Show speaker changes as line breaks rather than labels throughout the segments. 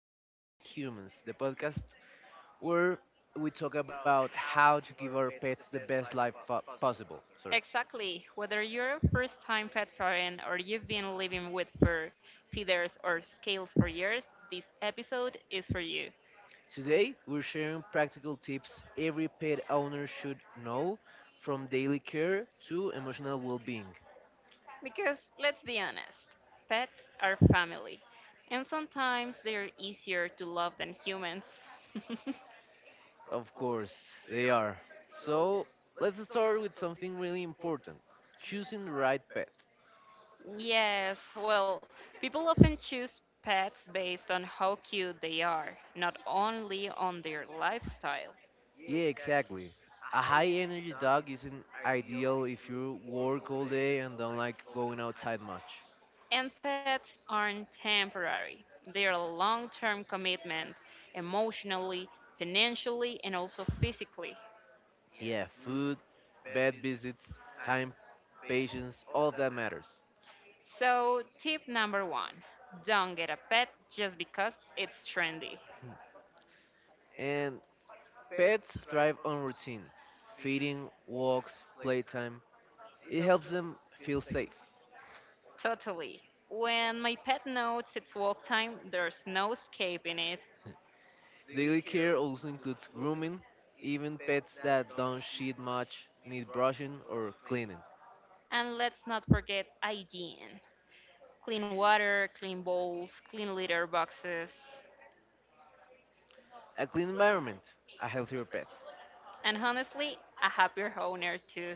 Pets, Happy Humans, the podcast where we talk about how to give our pets the best life possible. Sorry.
Exactly. Whether you're a first time pet parent or you've been living with fur, feathers, or scales for years, this episode is for you.
Today, we're sharing practical tips every pet owner should know, from daily care to emotional well-being.
Because let's be honest, pets are family. And sometimes they're easier to love than humans.
Of course, they are. So, let's start with something really important: choosing the right pet.
Yes, well, people often choose pets based on how cute they are, not only on their lifestyle.
Yeah, exactly. A high energy dog isn't ideal if you work all day and don't like going outside much.
And pets aren't temporary. They are a long term commitment, emotionally, financially, and also physically.
Yeah, food, bed visits, time, patience, all of that matters.
So, tip number one, don't get a pet just because it's trendy.
And pets thrive on routine: feeding, walks, playtime. It helps them feel safe.
Totally. When my pet knows it's walk time, there's no escaping it.
Daily care also includes grooming. Even pets that don't shit much need brushing or cleaning.
And let's not forget hygiene, clean water, clean bowls, clean litter boxes,
A clean environment, a healthier pet.
and honestly, a happier owner too.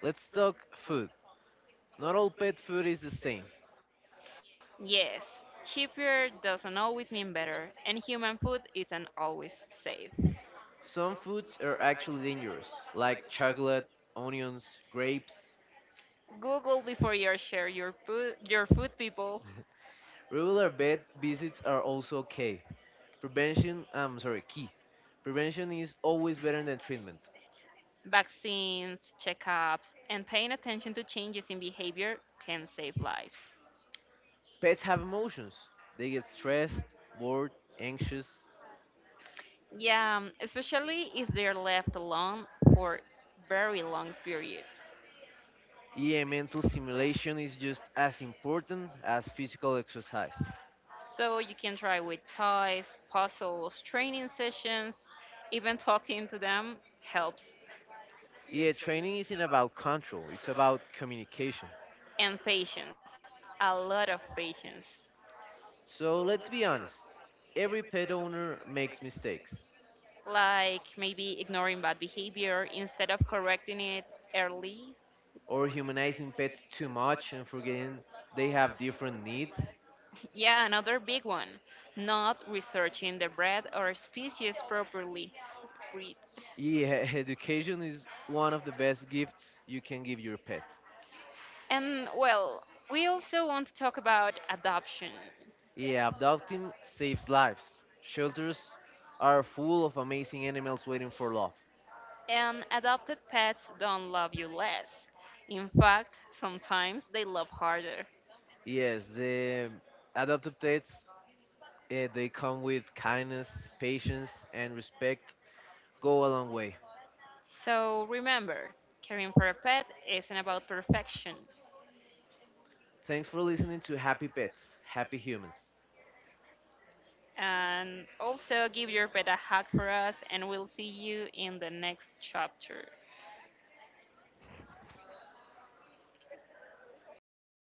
Let's talk food. Not all pet food is the same.
Yes, cheaper doesn't always mean better, and human food isn't always safe.
Some foods are actually dangerous, like chocolate, onions, grapes.
Google before you share your food people.
Regular vet visits are also okay. Prevention, I'm sorry, key. Prevention is always better than treatment.
Vaccines, checkups, and paying attention to changes in behavior can save lives.
Pets have emotions. They get stressed, bored, anxious.
Yeah, especially if they're left alone for very long periods.
Yeah, mental stimulation is just as important as physical exercise.
So you can try with toys, puzzles, training sessions, even talking to them helps.
Yeah, training isn't about control, it's about communication.
And patience, a lot of patience,
So let's be honest. Every pet owner makes mistakes,
like maybe ignoring bad behavior instead of correcting it early.
or humanizing pets too much and forgetting they have different needs.
Yeah, another big one, not researching the breed or species properly breed
Yeah, education is one of the best gifts you can give your pet.
And well, we also want to talk about adoption.
Yeah, adopting saves lives. Shelters are full of amazing animals waiting for love.
And adopted pets don't love you less. In fact, sometimes they love harder.
Yes, the adopted pets, they come with kindness, patience, and respect go a long way.
So remember, caring for a pet isn't about perfection.
Thanks for listening to Happy Pets, Happy Humans.
And also give your pet a hug for us, and we'll see you in the next chapter. Nos supone